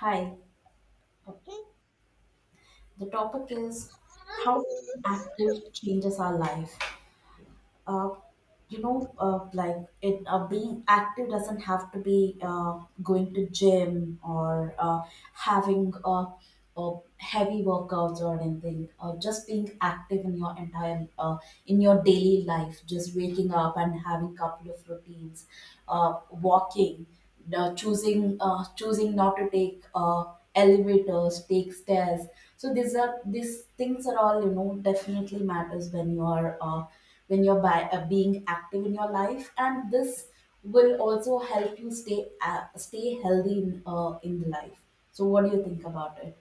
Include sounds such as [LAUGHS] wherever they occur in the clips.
Hi, the topic is how active changes our life. Uh, like it being active doesn't have to be going to gym or having uh, heavy workouts or anything. Just being active in your entire in your daily life, just waking up and having couple of routines, walking, choosing not to take elevators, take stairs. So these things are all, definitely matters when you are when you're being active in your life, and this will also help you stay healthy in the life. So what do you think about it?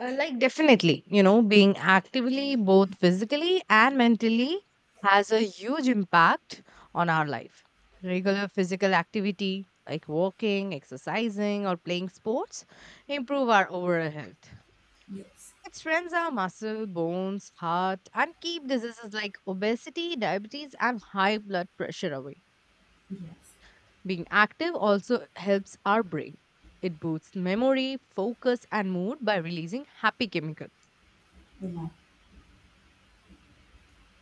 Like definitely, you know, being actively both physically and mentally has a huge impact on our life. Regular physical activity like walking, exercising, or playing sports improve our overall health. Yes. It strengthens our muscle, bones, heart, and keep diseases like obesity, diabetes, and high blood pressure away. Yes, Being active also helps our brain. It boosts memory, focus, and mood by releasing happy chemicals. you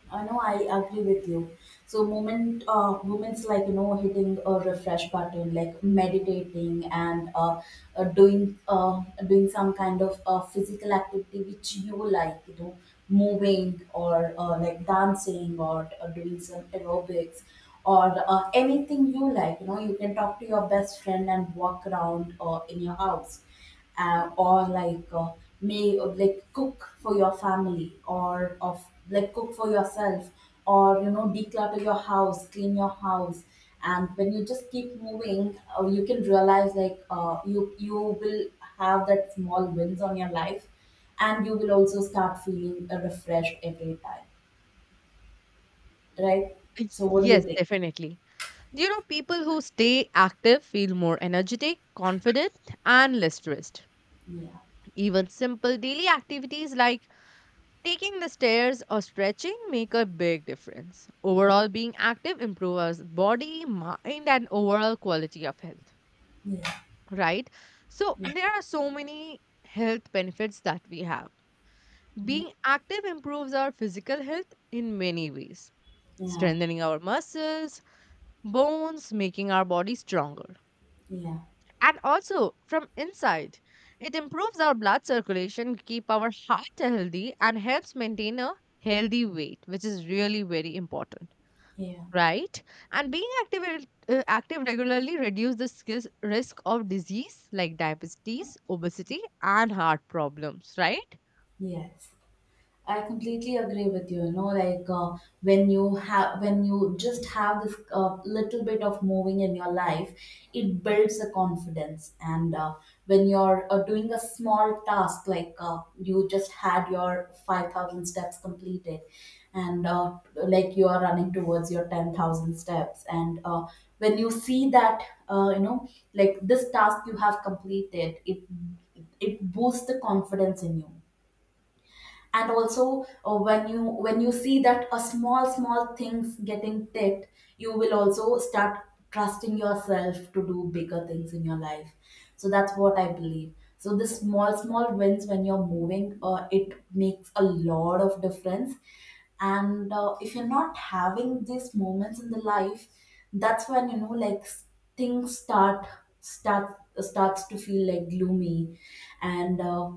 I know I agree with you. So moments like, hitting a refresh button, like meditating and uh, doing uh, doing some kind of physical activity which you like, moving, or like dancing, or doing some aerobics, or anything you like. You can talk to your best friend and walk around, in your house, or like, may or like cook for your family, or of like cook for yourself, or declutter your house, clean your house, and when you just keep moving, you can realize, like, you will have that small wins on your life, and you will also start feeling refreshed every time, right? So what do you Yes, think? definitely. Do You know, people who stay active feel more energetic, confident, and less stressed. Yeah, Even simple daily activities like taking the stairs or stretching make a big difference. Overall, being active improves body, mind, and overall quality of health, yeah, right? So, yeah, there are so many health benefits that we have. yeah, Being active improves our physical health in many ways, yeah, strengthening our muscles bones, making our body stronger. yeah. And also from inside, it improves our blood circulation, keep our heart healthy, and helps maintain a healthy weight, which is really very important, Yeah. right? And being active, active regularly reduce the risk of disease like diabetes, obesity, and heart problems, right? Yes, I completely agree with you. Like when you when you just have this little bit of moving in your life, it builds a confidence. And when you're doing a small task, like, you just had your 5,000 steps completed, and like you are running towards your 10,000 steps, and when you see that, uh, you know, like this task you have completed, it boosts the confidence in you, and also, when you see that a small small things getting ticked, you will also start trusting yourself to do bigger things in your life. So that's what I believe. So the small small wins, when you're moving, it makes a lot of difference. And if you're not having these moments in the life, that's when, you know, like, things starts to feel like gloomy. And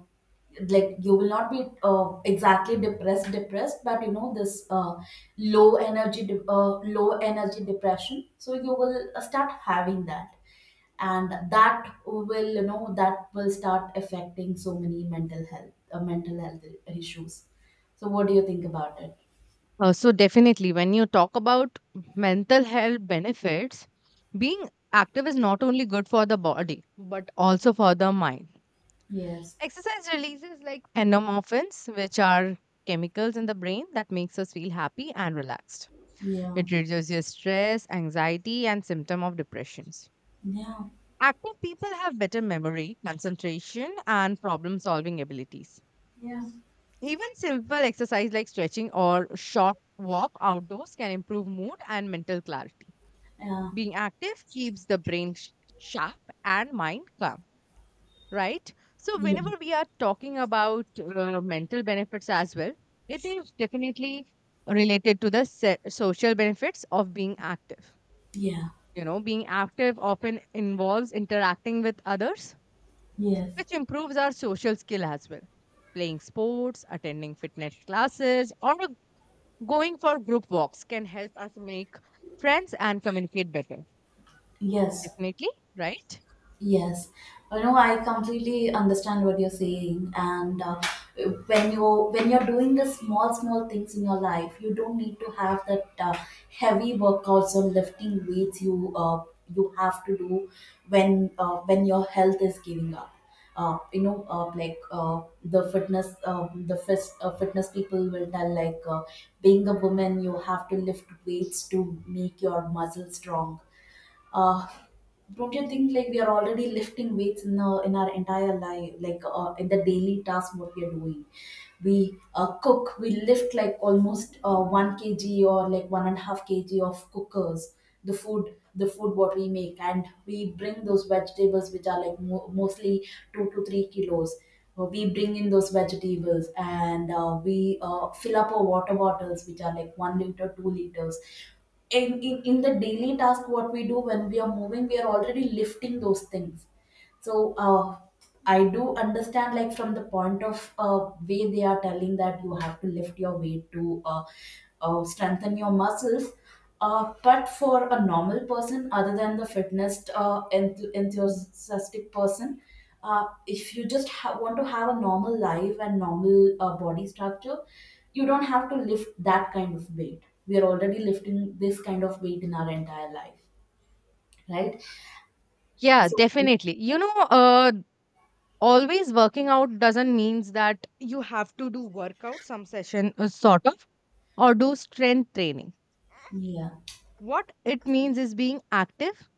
like, you will not be exactly depressed, but you know this, low energy depression, so you will start having that, and that will start affecting so many mental health issues. So what do you think about it? So definitely, when you talk about mental health benefits, being active is not only good for the body but also for the mind. Yes. Exercise releases like endorphins, which are chemicals in the brain that makes us feel happy and relaxed. Yeah, It reduces your stress, anxiety, and symptom of depressions. yeah, Active people have better memory, concentration, and problem solving abilities. yeah, Even simple exercise like stretching or short walk outdoors can improve mood and mental clarity. yeah, Being active keeps the brain sharp and mind calm, right? So, yeah, whenever we are talking about mental benefits as well, it is definitely related to the social benefits of being active. yeah. You know, being active often involves interacting with others, Yes. which improves our social skill as well. Playing sports, attending fitness classes, or going for group walks can help us make friends and communicate better. Yes. Definitely, right? Yes, you know I completely understand what you're saying, and, when you're doing the small small things in your life, you don't need to have that, heavy workouts or lifting weights. You have to do when your health is giving up. The fitness, fitness people will tell, like, being a woman, you have to lift weights to make your muscles strong. Uh, don't you think, like, we are already lifting weights in our entire life, like, in the daily task what we are doing? We cook, we lift like almost 1 kg, or like 1 and a half kg of cookers, the food the food what we make, and we bring those vegetables which are like mostly 2 to 3 kilos. We bring in those vegetables, and we fill up our water bottles, which are like 1 liter, 2 liters. In the daily task, what we do when we are moving, we are already lifting those things. So, I do understand, like, from the point of, way they are telling that you have to lift your weight to strengthen your muscles. But for a normal person, other than the fitness enthusiastic person, if you just want to have a normal life and normal body structure, you don't have to lift that kind of weight. We are already lifting this kind of weight in our entire life, right? Yeah, So, definitely. Always working out doesn't means that you have to do workout, some session, sort of, or do strength training. yeah, What it means is being active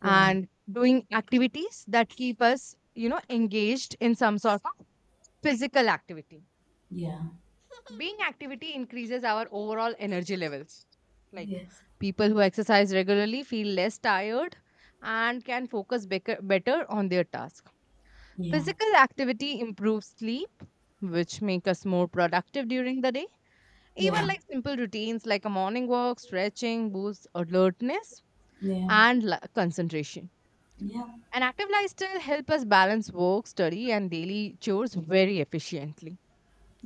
yeah, and doing activities that keep us you know engaged in some sort of physical activity. yeah. [LAUGHS] Being activity increases our overall energy levels, like Yes. people who exercise regularly feel less tired and can focus better on their task. Yeah. Physical activity improves sleep, which make us more productive during the day. Yeah. Even like simple routines like a morning walk stretching boosts alertness Yeah. and concentration. Yeah. An active lifestyle helps us balance work, study, and daily chores very efficiently.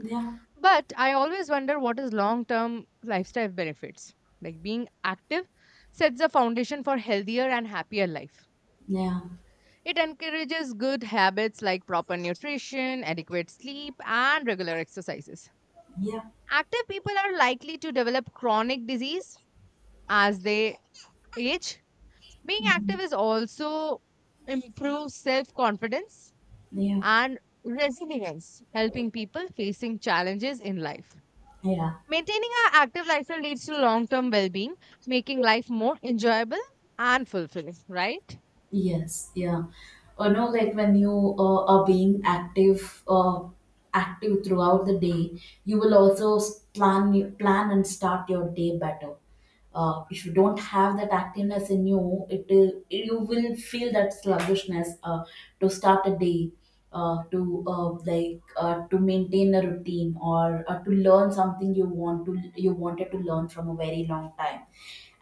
Yeah. But I always wonder what is long term lifestyle benefits. Like being active sets a foundation for healthier and happier life. Yeah. It encourages good habits like proper nutrition, adequate sleep, and regular exercises. Yeah. Active people are likely to develop chronic disease as they age. Being active is also improves self confidence Yeah. and resilience, helping people facing challenges in life. Yeah. Maintaining our active lifestyle leads to long term well being, making life more enjoyable and fulfilling, right? Yes. Yeah. You know, like, when you are being active, active throughout the day, you will also plan and start your day better. If you don't have that activeness in you, it you will feel that sluggishness, to start a day, to like, to maintain a routine, or to learn something you want to you wanted to learn from a very long time.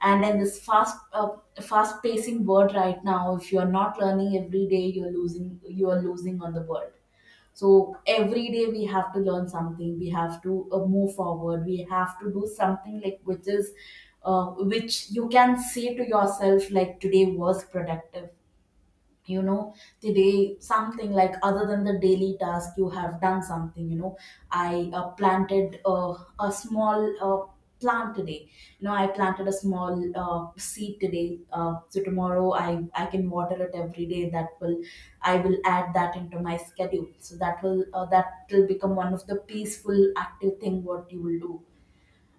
And in this fast pacing world right now, if you are not learning every day, you are losing on the world. So every day we have to learn something. We have to move forward. We have to do something, like, which you can say to yourself, like, today was productive, you know, the day, something, like, other than the daily task, you have done something, you know. I planted a small plant today. You know, I planted a small seed today, so tomorrow I can water it every day. That will I will add that into my schedule, so that will become one of the peaceful active thing what you will do.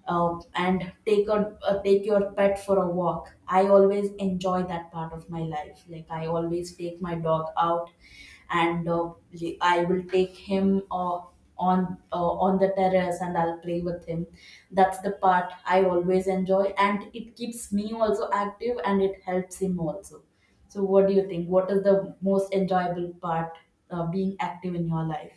And take your pet for a walk. I always enjoy that part of my life. Like, I always take my dog out, and I will take him on the terrace, and I'll play with him. That's the part I always enjoy, and it keeps me also active, and it helps him also. So, what do you think? What is the most enjoyable part, being active in your life?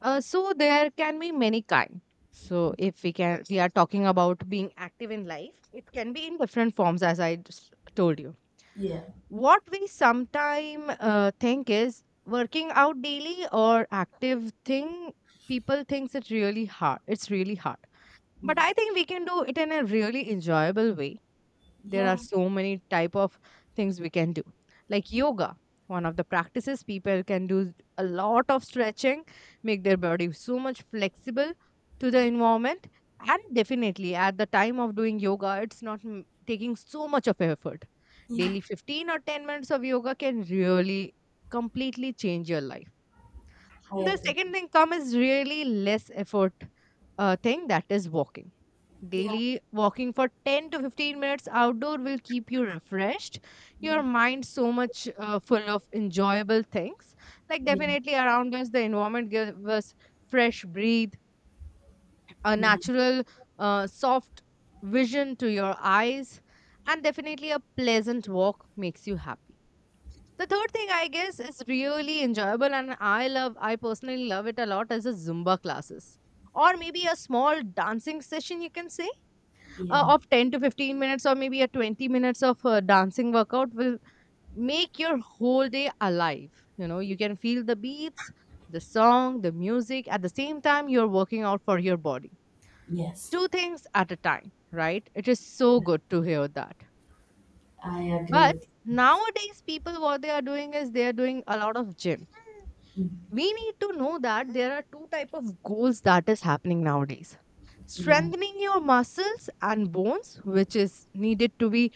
There can be many kinds. So, if we can, we are talking about being active in life, it can be in different forms, as I just told you. Yeah. What we sometimes think is working out daily or active thing, people thinks it's really hard. It's really hard. But Yes. I think we can do it in a really enjoyable way. There are Yeah. so many type of things we can do. Like yoga, one of the practices people can do a lot of stretching, make their body so much flexible to the environment. And definitely at the time of doing yoga, it's not taking so much of effort. Yeah. Daily 15 or 10 minutes of yoga can really completely change your life. I The agree. second thing come is really less effort thing, that is walking. Yeah. Daily walking for 10 to 15 minutes outdoor will keep you refreshed, Yeah. your mind so much full of enjoyable things. Like, Yeah, definitely around us, the environment gives us fresh breathe, a yeah, natural, soft vision to your eyes, and definitely a pleasant walk makes you happy. The third thing I guess is really enjoyable, and I love, I personally love it a lot, as the Zumba classes or maybe a small dancing session you can say, yeah, of 10 to 15 minutes or maybe a 20 minutes of dancing workout will make your whole day alive. You know, you can feel the beats, the song, the music, at the same time you're working out for your body. yes. Two things at a time, right? It is so good to hear that. I agree But with you. nowadays people what they are doing is they are doing a lot of gym. Mm. We need to know that there are two type of goals that is happening nowadays: Yeah, strengthening your muscles and bones, which is needed to be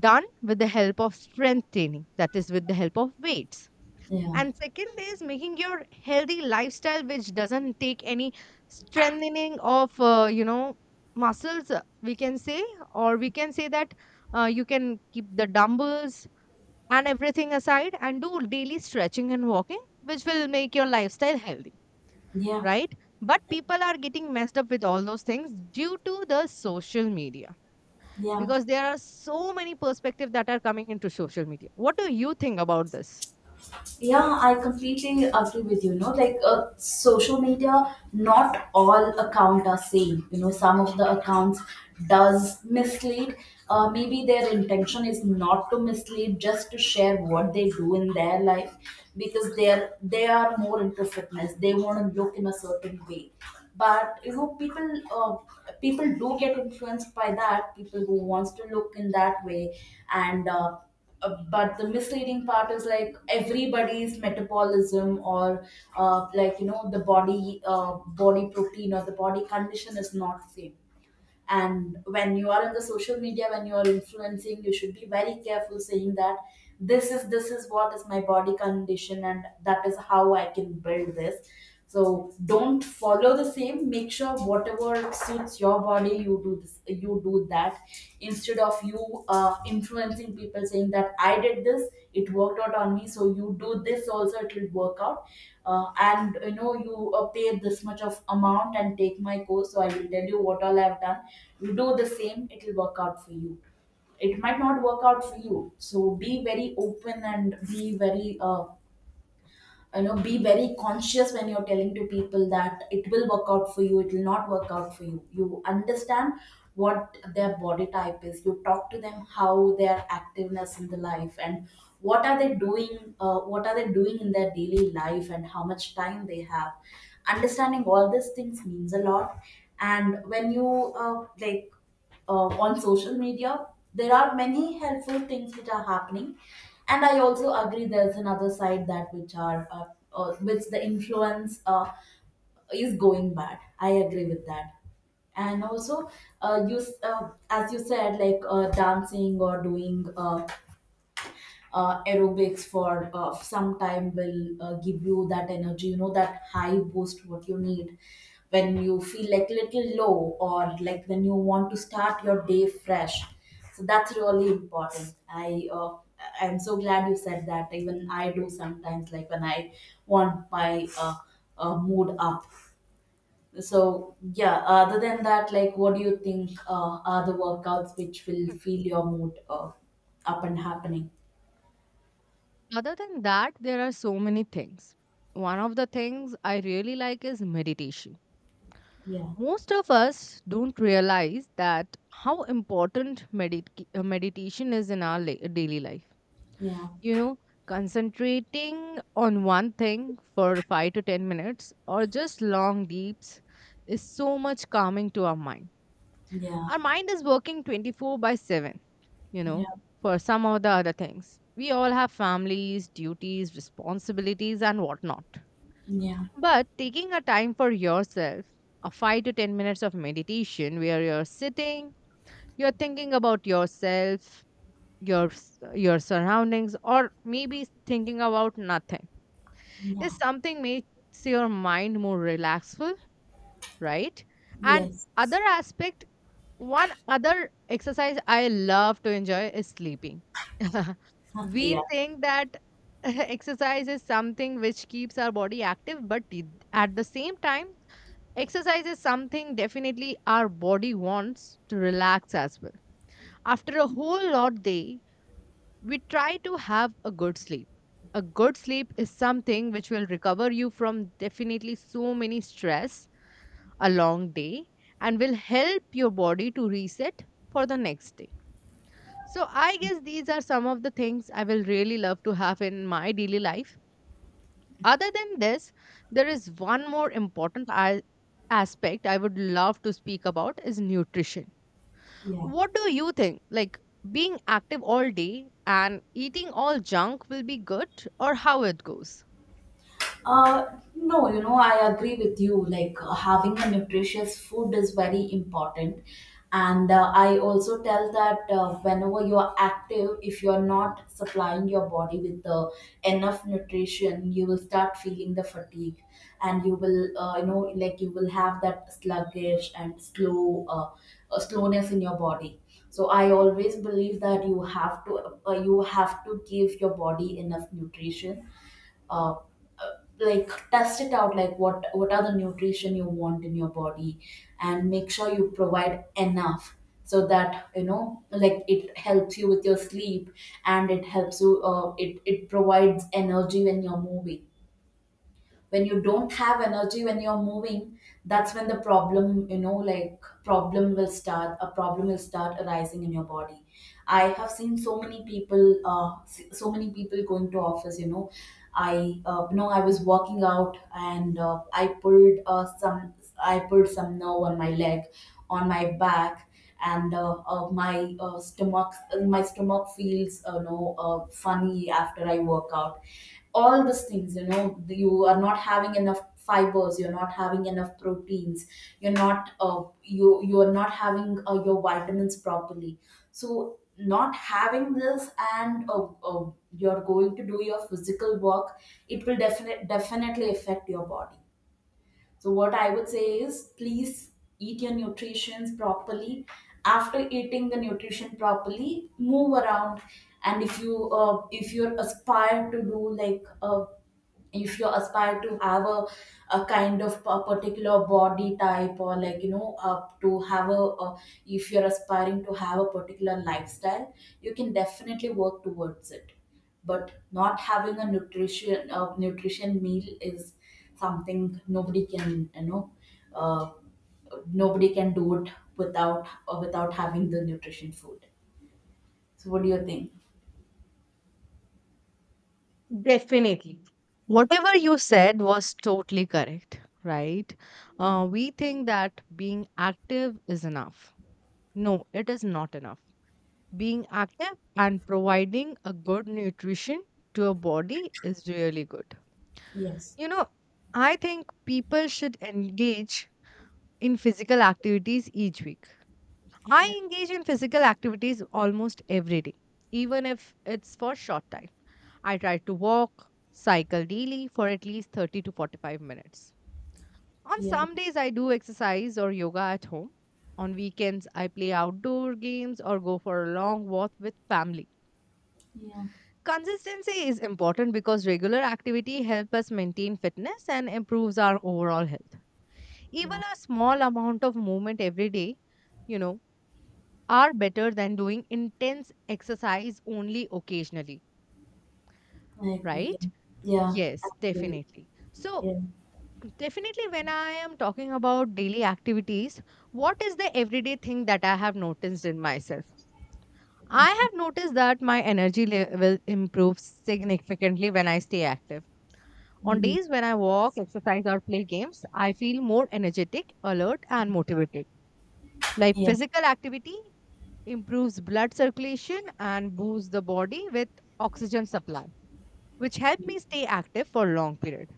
done with the help of strength training, that is, with the help of weights. yeah, And second is making your healthy lifestyle, which doesn't take any strengthening of, you know, muscles, we can say, or we can say that you can keep the dumbbells and everything aside and do daily stretching and walking, which will make your lifestyle healthy, yeah, right? But people are getting messed up with all those things due to the social media, yeah. because there are so many perspectives that are coming into social media. What do you think about this? Yeah, I completely agree with you. No, like, social media, not all account are same. You know, some of the accounts does mislead. Maybe their intention is not to mislead, just to share what they do in their life, because they are more into fitness. They want to look in a certain way. But you know, people, do get influenced by that. People who wants to look in that way, and but the misleading part is, like, everybody's metabolism, or like, you know, the body protein, or the body condition is not the same, and when you are in the social media, when you are influencing, you should be very careful saying that, this is what is my body condition, and that is how I can build this. So don't follow the same, make sure whatever suits your body, you do this, you do that, instead of you, influencing people saying that, I did this, it worked out on me, so you do this also, it will work out. And you know, you pay this much of amount and take my course, so I will tell you what all I've done. You do the same, it will work out for you. It might not work out for you, so be very open and be very conscious when you're telling to people that it will work out for you, it will not work out for you, you understand what their body type is, you talk to them how their activeness in the life, and what are they doing in their daily life, and how much time they have. Understanding all these things means a lot. And when you, like, on social media, there are many helpful things which are happening, and I also agree there's another side that, which the influence is going bad. I agree with that. And also, as you said, like dancing or doing aerobics for some time will give you that energy, you know, that high boost what you need when you feel like little low, or like when you want to start your day fresh. So that's really important. I'm so glad you said that. Even I do sometimes, like when I want my mood up. So yeah, other than that, like what do you think are the workouts which will Mm. feel your mood up and happening? Other than that, there are so many things. One of the things I really like is meditation. Yeah, Most of us don't realize that how important meditation is in our daily life. yeah, You know, concentrating on one thing for 5 to 10 minutes or just long deeps is so much calming to our mind. yeah, Our mind is working 24 by 7, you know, yeah, for some of the other things. We all have families, duties, responsibilities, and whatnot. yeah, But taking a time for yourself, a 5 to 10 minutes of meditation where you're sitting, you're thinking about yourself, your s- your surroundings, or maybe thinking about nothing, yeah. is something makes your mind more relaxful, right? And Yes. other aspect, one other exercise I love to enjoy is sleeping. [LAUGHS] [LAUGHS] We Yeah, think that [LAUGHS] exercise is something which keeps our body active, but at the same time, exercise is something definitely our body wants to relax as well. After a whole lot day, we try to have a good sleep. A good sleep is something which will recover you from definitely so many stress, a long day, and will help your body to reset for the next day. So, I guess these are some of the things I will really love to have in my daily life. Other than this, there is one more important aspect I would love to speak about is nutrition. yeah. What do you think? Like being active all day and eating all junk will be good, or how it goes? Uh, no, you know, I agree with you. Like having a nutritious food is very important. And I also tell that whenever you are active, if you're not supplying your body with enough nutrition, you will start feeling the fatigue. And you will, you know, like you will have that sluggish and slow slowness in your body. So I always believe that you have to give your body enough nutrition, uh, uh, like test it out, like what are the nutrition you want in your body, and make sure you provide enough, so that, you know, like it helps you with your sleep, and it helps you, it provides energy when you're moving. When you don't have energy when you're moving, that's when the problem, you know, like problem will start, a problem will start arising in your body. I have seen so many people, so many people going to office, you know. I, no, I was walking out, and I pulled some I pulled some nerve on my leg, on my back, and my stomach, my stomach feels no funny after I work out. All these things, you know, you are not having enough fibers, you're not having enough proteins, you're not, you are not having your vitamins properly. So not having this, and you're going to do your physical work, it will definitely affect your body. So what I would say is, please eat your nutritions properly. After eating the nutrition properly, move around. And if you, if you're aspired to do like a, if you aspire to have a kind of a particular body type, or like, you know, to have a, if you're aspiring to have a particular lifestyle, you can definitely work towards it. But not having a nutrition, a nutrition meal is something nobody can, you know, uh, nobody can do it without, or without having the nutrition food. So what do you think? Definitely. Whatever you said was totally correct, right? Yeah. We think that being active is enough. No, it is not enough. Being active and providing a good nutrition to a body is really good. Yes, You know, I think people should engage in physical activities each week. yeah, I engage in physical activities almost every day, even if it's for short time. I try to walk, cycle daily for at least 30 to 45 minutes. On some days, I do exercise or yoga at home. On weekends, I play outdoor games or go for a long walk with family. yeah, Consistency is important because regular activity helps us maintain fitness and improves our overall health. Even yeah, a small amount of movement every day, you know, are better than doing intense exercise only occasionally, I agree. right? Yeah, I Yes, agree. definitely. So, Yeah. definitely, when I am talking about daily activities, what is the everyday thing that I have noticed in myself? I have noticed that my energy level improves significantly when I stay active. On Mhm. days when I walk, exercise, or play games, I feel more energetic, alert, and motivated. Like Yeah, physical activity improves blood circulation and boosts the body with oxygen supply, which help me stay active for a long period.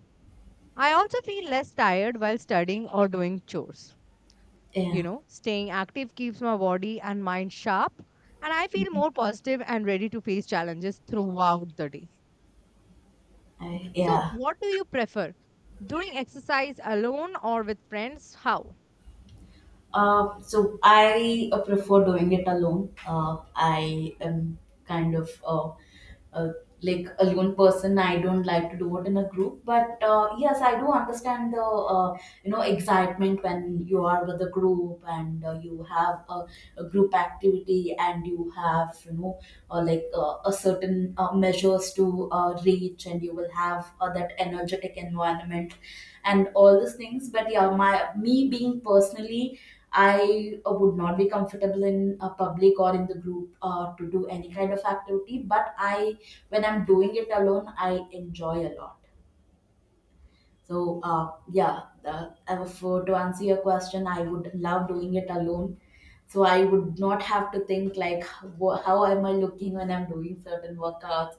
I also feel less tired while studying or doing chores. You yeah, know, staying active keeps my body and mind sharp, and I feel more positive and ready to face challenges throughout the day. I, So, yeah. what do you prefer? Doing exercise alone or with friends? How? So I prefer doing it alone. I am kind of uh, like a lone person. I don't like to do it in a group, but yes, I do understand the, you know, excitement when you are with a group, and you have a group activity, and you have, you know, like a certain measures to reach, and you will have that energetic environment and all these things. But yeah, my, me being personally, I, would not be comfortable in a public or in the group, to do any kind of activity. But I, when I'm doing it alone, I enjoy a lot. So for to answer your question, I would love doing it alone. So I would not have to think like, how am I looking when I'm doing certain workouts,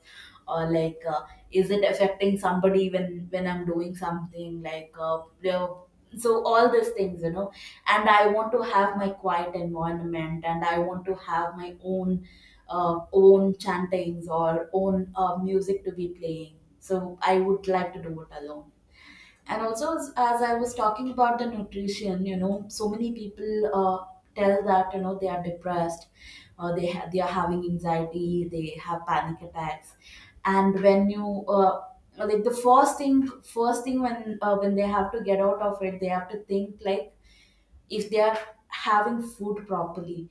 or like, is it affecting somebody when I'm doing something, like, you know. So all these things, you know. And I want to have my quiet environment, and I want to have my own, own chantings, or own music to be playing. So I would like to do it alone. And also, as I was talking about the nutrition, you know, so many people tell that, you know, they are depressed, they they are having anxiety, they have panic attacks. And when you, like, the first thing, first thing, when, when they have to get out of it, they have to think like, if they are having food properly.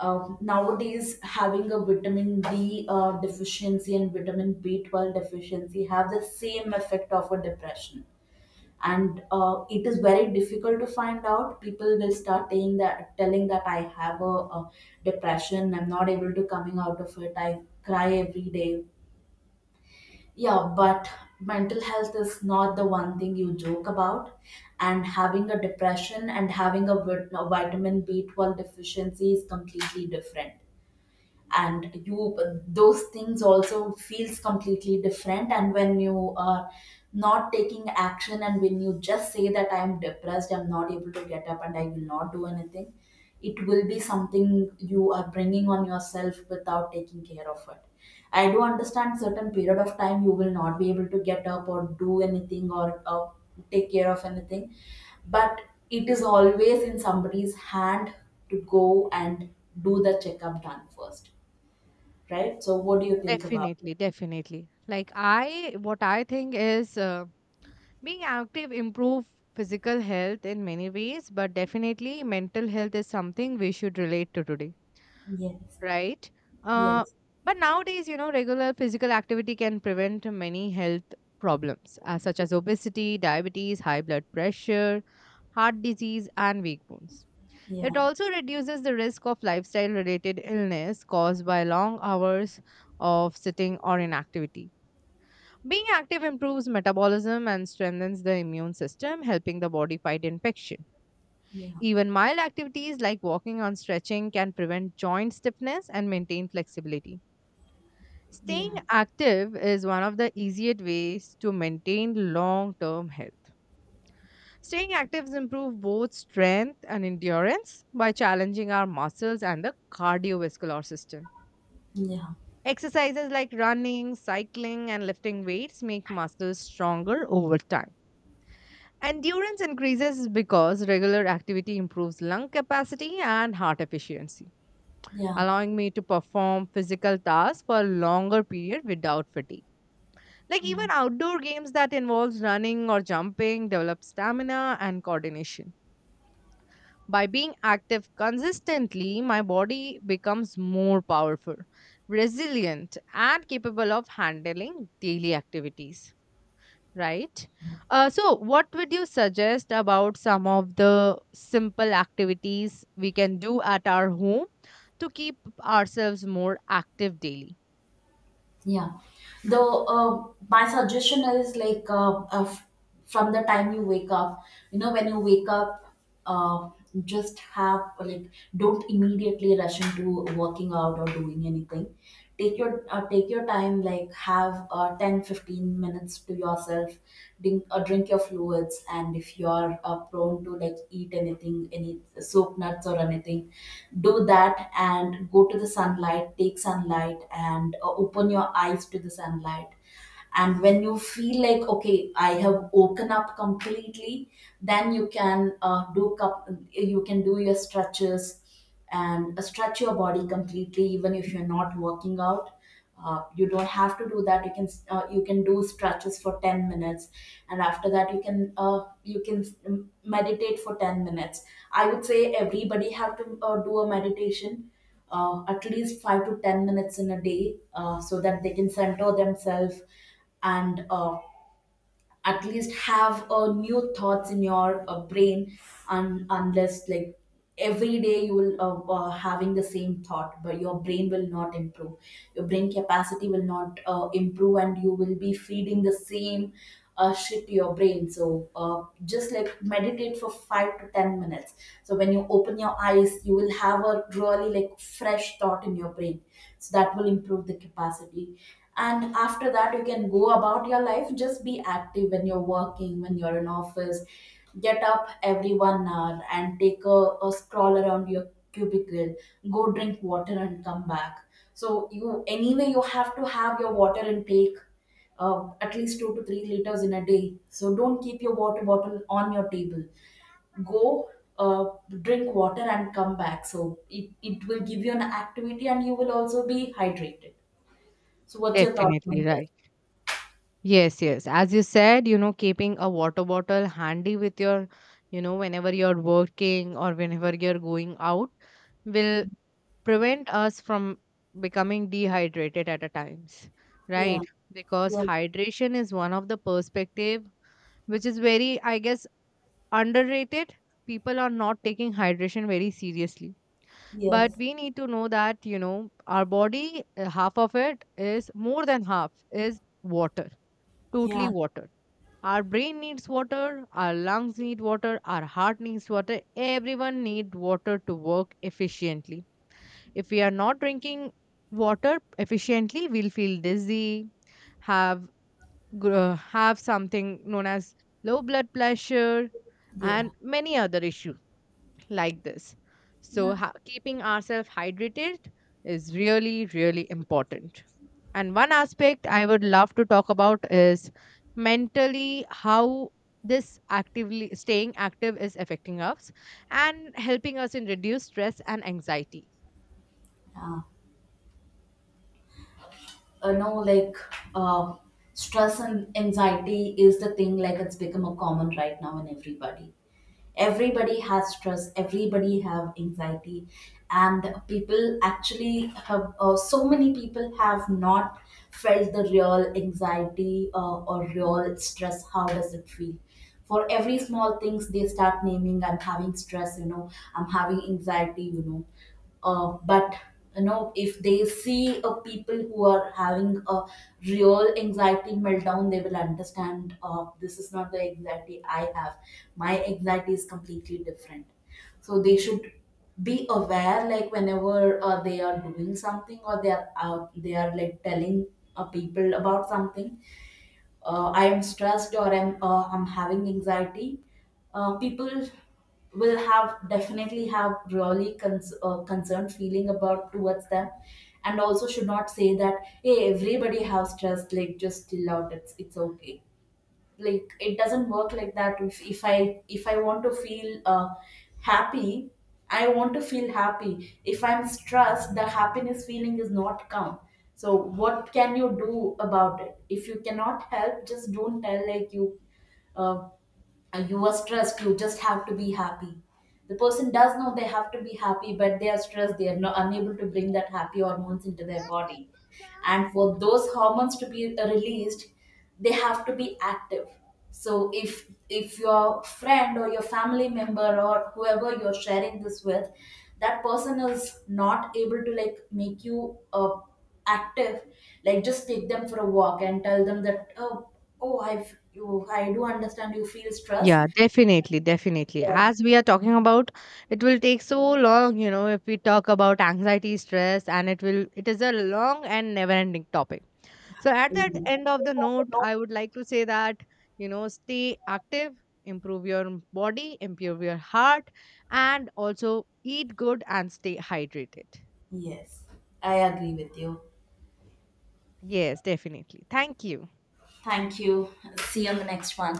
Nowadays, having a vitamin D deficiency and vitamin B12 deficiency have the same effect of a depression. And it is very difficult to find out. People will start saying that, telling that, I have a depression, I'm not able to coming out of it, I cry every day. Yeah, but mental health is not the one thing you joke about. And having a depression and having a a vitamin B12 deficiency is completely different. And you, those things also feels completely different. And when you are not taking action, and when you just say that I am depressed, I'm not able to get up, and I will not do anything, it will be something you are bringing on yourself without taking care of it. I do understand certain period of time you will not be able to get up or do anything, or take care of anything. But it is always in somebody's hand to go and do the checkup done first, right? So what do you think about it? Definitely, definitely. What I think is. Being active improve physical health in many ways, but definitely mental health is something we should relate to today, Yes, right? Uh, yes, but nowadays, you know, regular physical activity can prevent many health problems, such as obesity, diabetes, high blood pressure, heart disease, and weak bones. yeah, It also reduces the risk of lifestyle related illness caused by long hours of sitting or inactivity. Being active improves metabolism and strengthens the immune system, helping the body fight infection. yeah, Even mild activities like walking and stretching can prevent joint stiffness and maintain flexibility. Staying yeah, active is one of the easiest ways to maintain long term health. Staying active improves both strength and endurance by challenging our muscles and the cardiovascular system. yeah, Exercises like running, cycling, and lifting weights make muscles stronger over time. Endurance increases because regular activity improves lung capacity and heart efficiency, yeah, allowing me to perform physical tasks for a longer period without fatigue. Like yeah, even outdoor games that involves running or jumping develop stamina and coordination. By being active consistently, my body becomes more powerful, resilient, and capable of handling daily activities, right? What would you suggest about some of the simple activities we can do at our home to keep ourselves more active daily? yeah. Though my suggestion is like from the time you wake up, you know, when you wake up, uh, just have like, don't immediately rush into working out or doing anything. Take your, take your time, like have 10-15 minutes to yourself. Drink, drink your fluids, and if you're prone to like eat anything, any soup nuts or anything, do that. And go to the sunlight, take sunlight, and open your eyes to the sunlight. And when you feel like, okay, I have woken up completely, then you can, you can do your stretches and stretch your body completely. Even if you're not working out, you don't have to do that. You can, you can do stretches for 10 minutes. And after that, you can, you can meditate for 10 minutes. I would say everybody have to do a meditation at least 5 to 10 minutes in a day, so that they can center themselves. And at least have new thoughts in your brain. And unless like, every day you will having the same thought, but your brain will not improve, your brain capacity will not improve, and you will be feeding the same shit to your brain. So just like meditate for 5 to 10 minutes, so when you open your eyes you will have a really like fresh thought in your brain. So that will improve the capacity. And after that, you can go about your life. Just be active when you're working, when you're in office. Get up every 1 hour and take a stroll around your cubicle. Go drink water and come back. So you, anyway you have to have your water intake, at least 2 to 3 liters in a day. So don't keep your water bottle on your table. Go, uh, drink water and come back. So it will give you an activity, and you will also be hydrated. So what's your thought Definitely on this? right. Yes, yes. As you said, you know, keeping a water bottle handy with your, you know, whenever you're working or whenever you're going out Yeah. will prevent us from becoming dehydrated at a times, right? Because Yeah. hydration is one of the perspective which is very, I guess, underrated. People are not taking hydration very seriously. But Yes. we need to know that, you know, our body, half of it is more than half is water, totally Yeah. water. Our brain needs water, our lungs need water, our heart needs water. Everyone need water to work efficiently. If we are not drinking water efficiently, we'll feel dizzy, have have something known as low blood pressure Yeah. and many other issues like this. So, No. Keeping ourselves hydrated is really, really important. And one aspect I would love to talk about is mentally how this actively staying active is affecting us and helping us in reduce stress and anxiety. Uh, no, like um, stress and anxiety is the thing, like it's become a common right now in everybody. Everybody has stress, everybody have anxiety. And people actually have, so many people have not felt the real anxiety or real stress, how does it feel. For every small things they start naming, I'm having stress, you know, I'm having anxiety, you know. But, you know, if they see a people who are having a real anxiety meltdown, they will understand, this is not the anxiety I have, my anxiety is completely different. So they should be aware, like whenever they are doing something, or they are out, they are like telling people about something, I am stressed, or I'm, I'm having anxiety. People will have definitely have really concerned feeling about towards them. And also should not say that, hey, everybody has stress, like just chill out, it's okay. Like it doesn't work like that. If I want to feel happy, I want to feel happy. If I'm stressed, the happiness feeling is not come. So what can you do about it? If you cannot help, just don't tell like, you, uh, and you are stressed, you just have to be happy. The person does know they have to be happy, but they are stressed, they are not unable to bring that happy hormones into their body. And for those hormones to be released, they have to be active. So if your friend, or your family member, or whoever you're sharing this with, that person is not able to like make you active, like just take them for a walk, and tell them that, oh, oh, I do understand you feel stressed. Yeah, definitely, definitely. Yeah. As we are talking about, it will take so long, you know, if we talk about anxiety, stress, and it will, it is a long and never ending topic. So, at that Mm. end of the note, I would like to say that, you know, stay active, improve your body, improve your heart, and also eat good and stay hydrated. Yes, I agree with you. Yes, definitely. Thank you. Thank you. See you on the next one.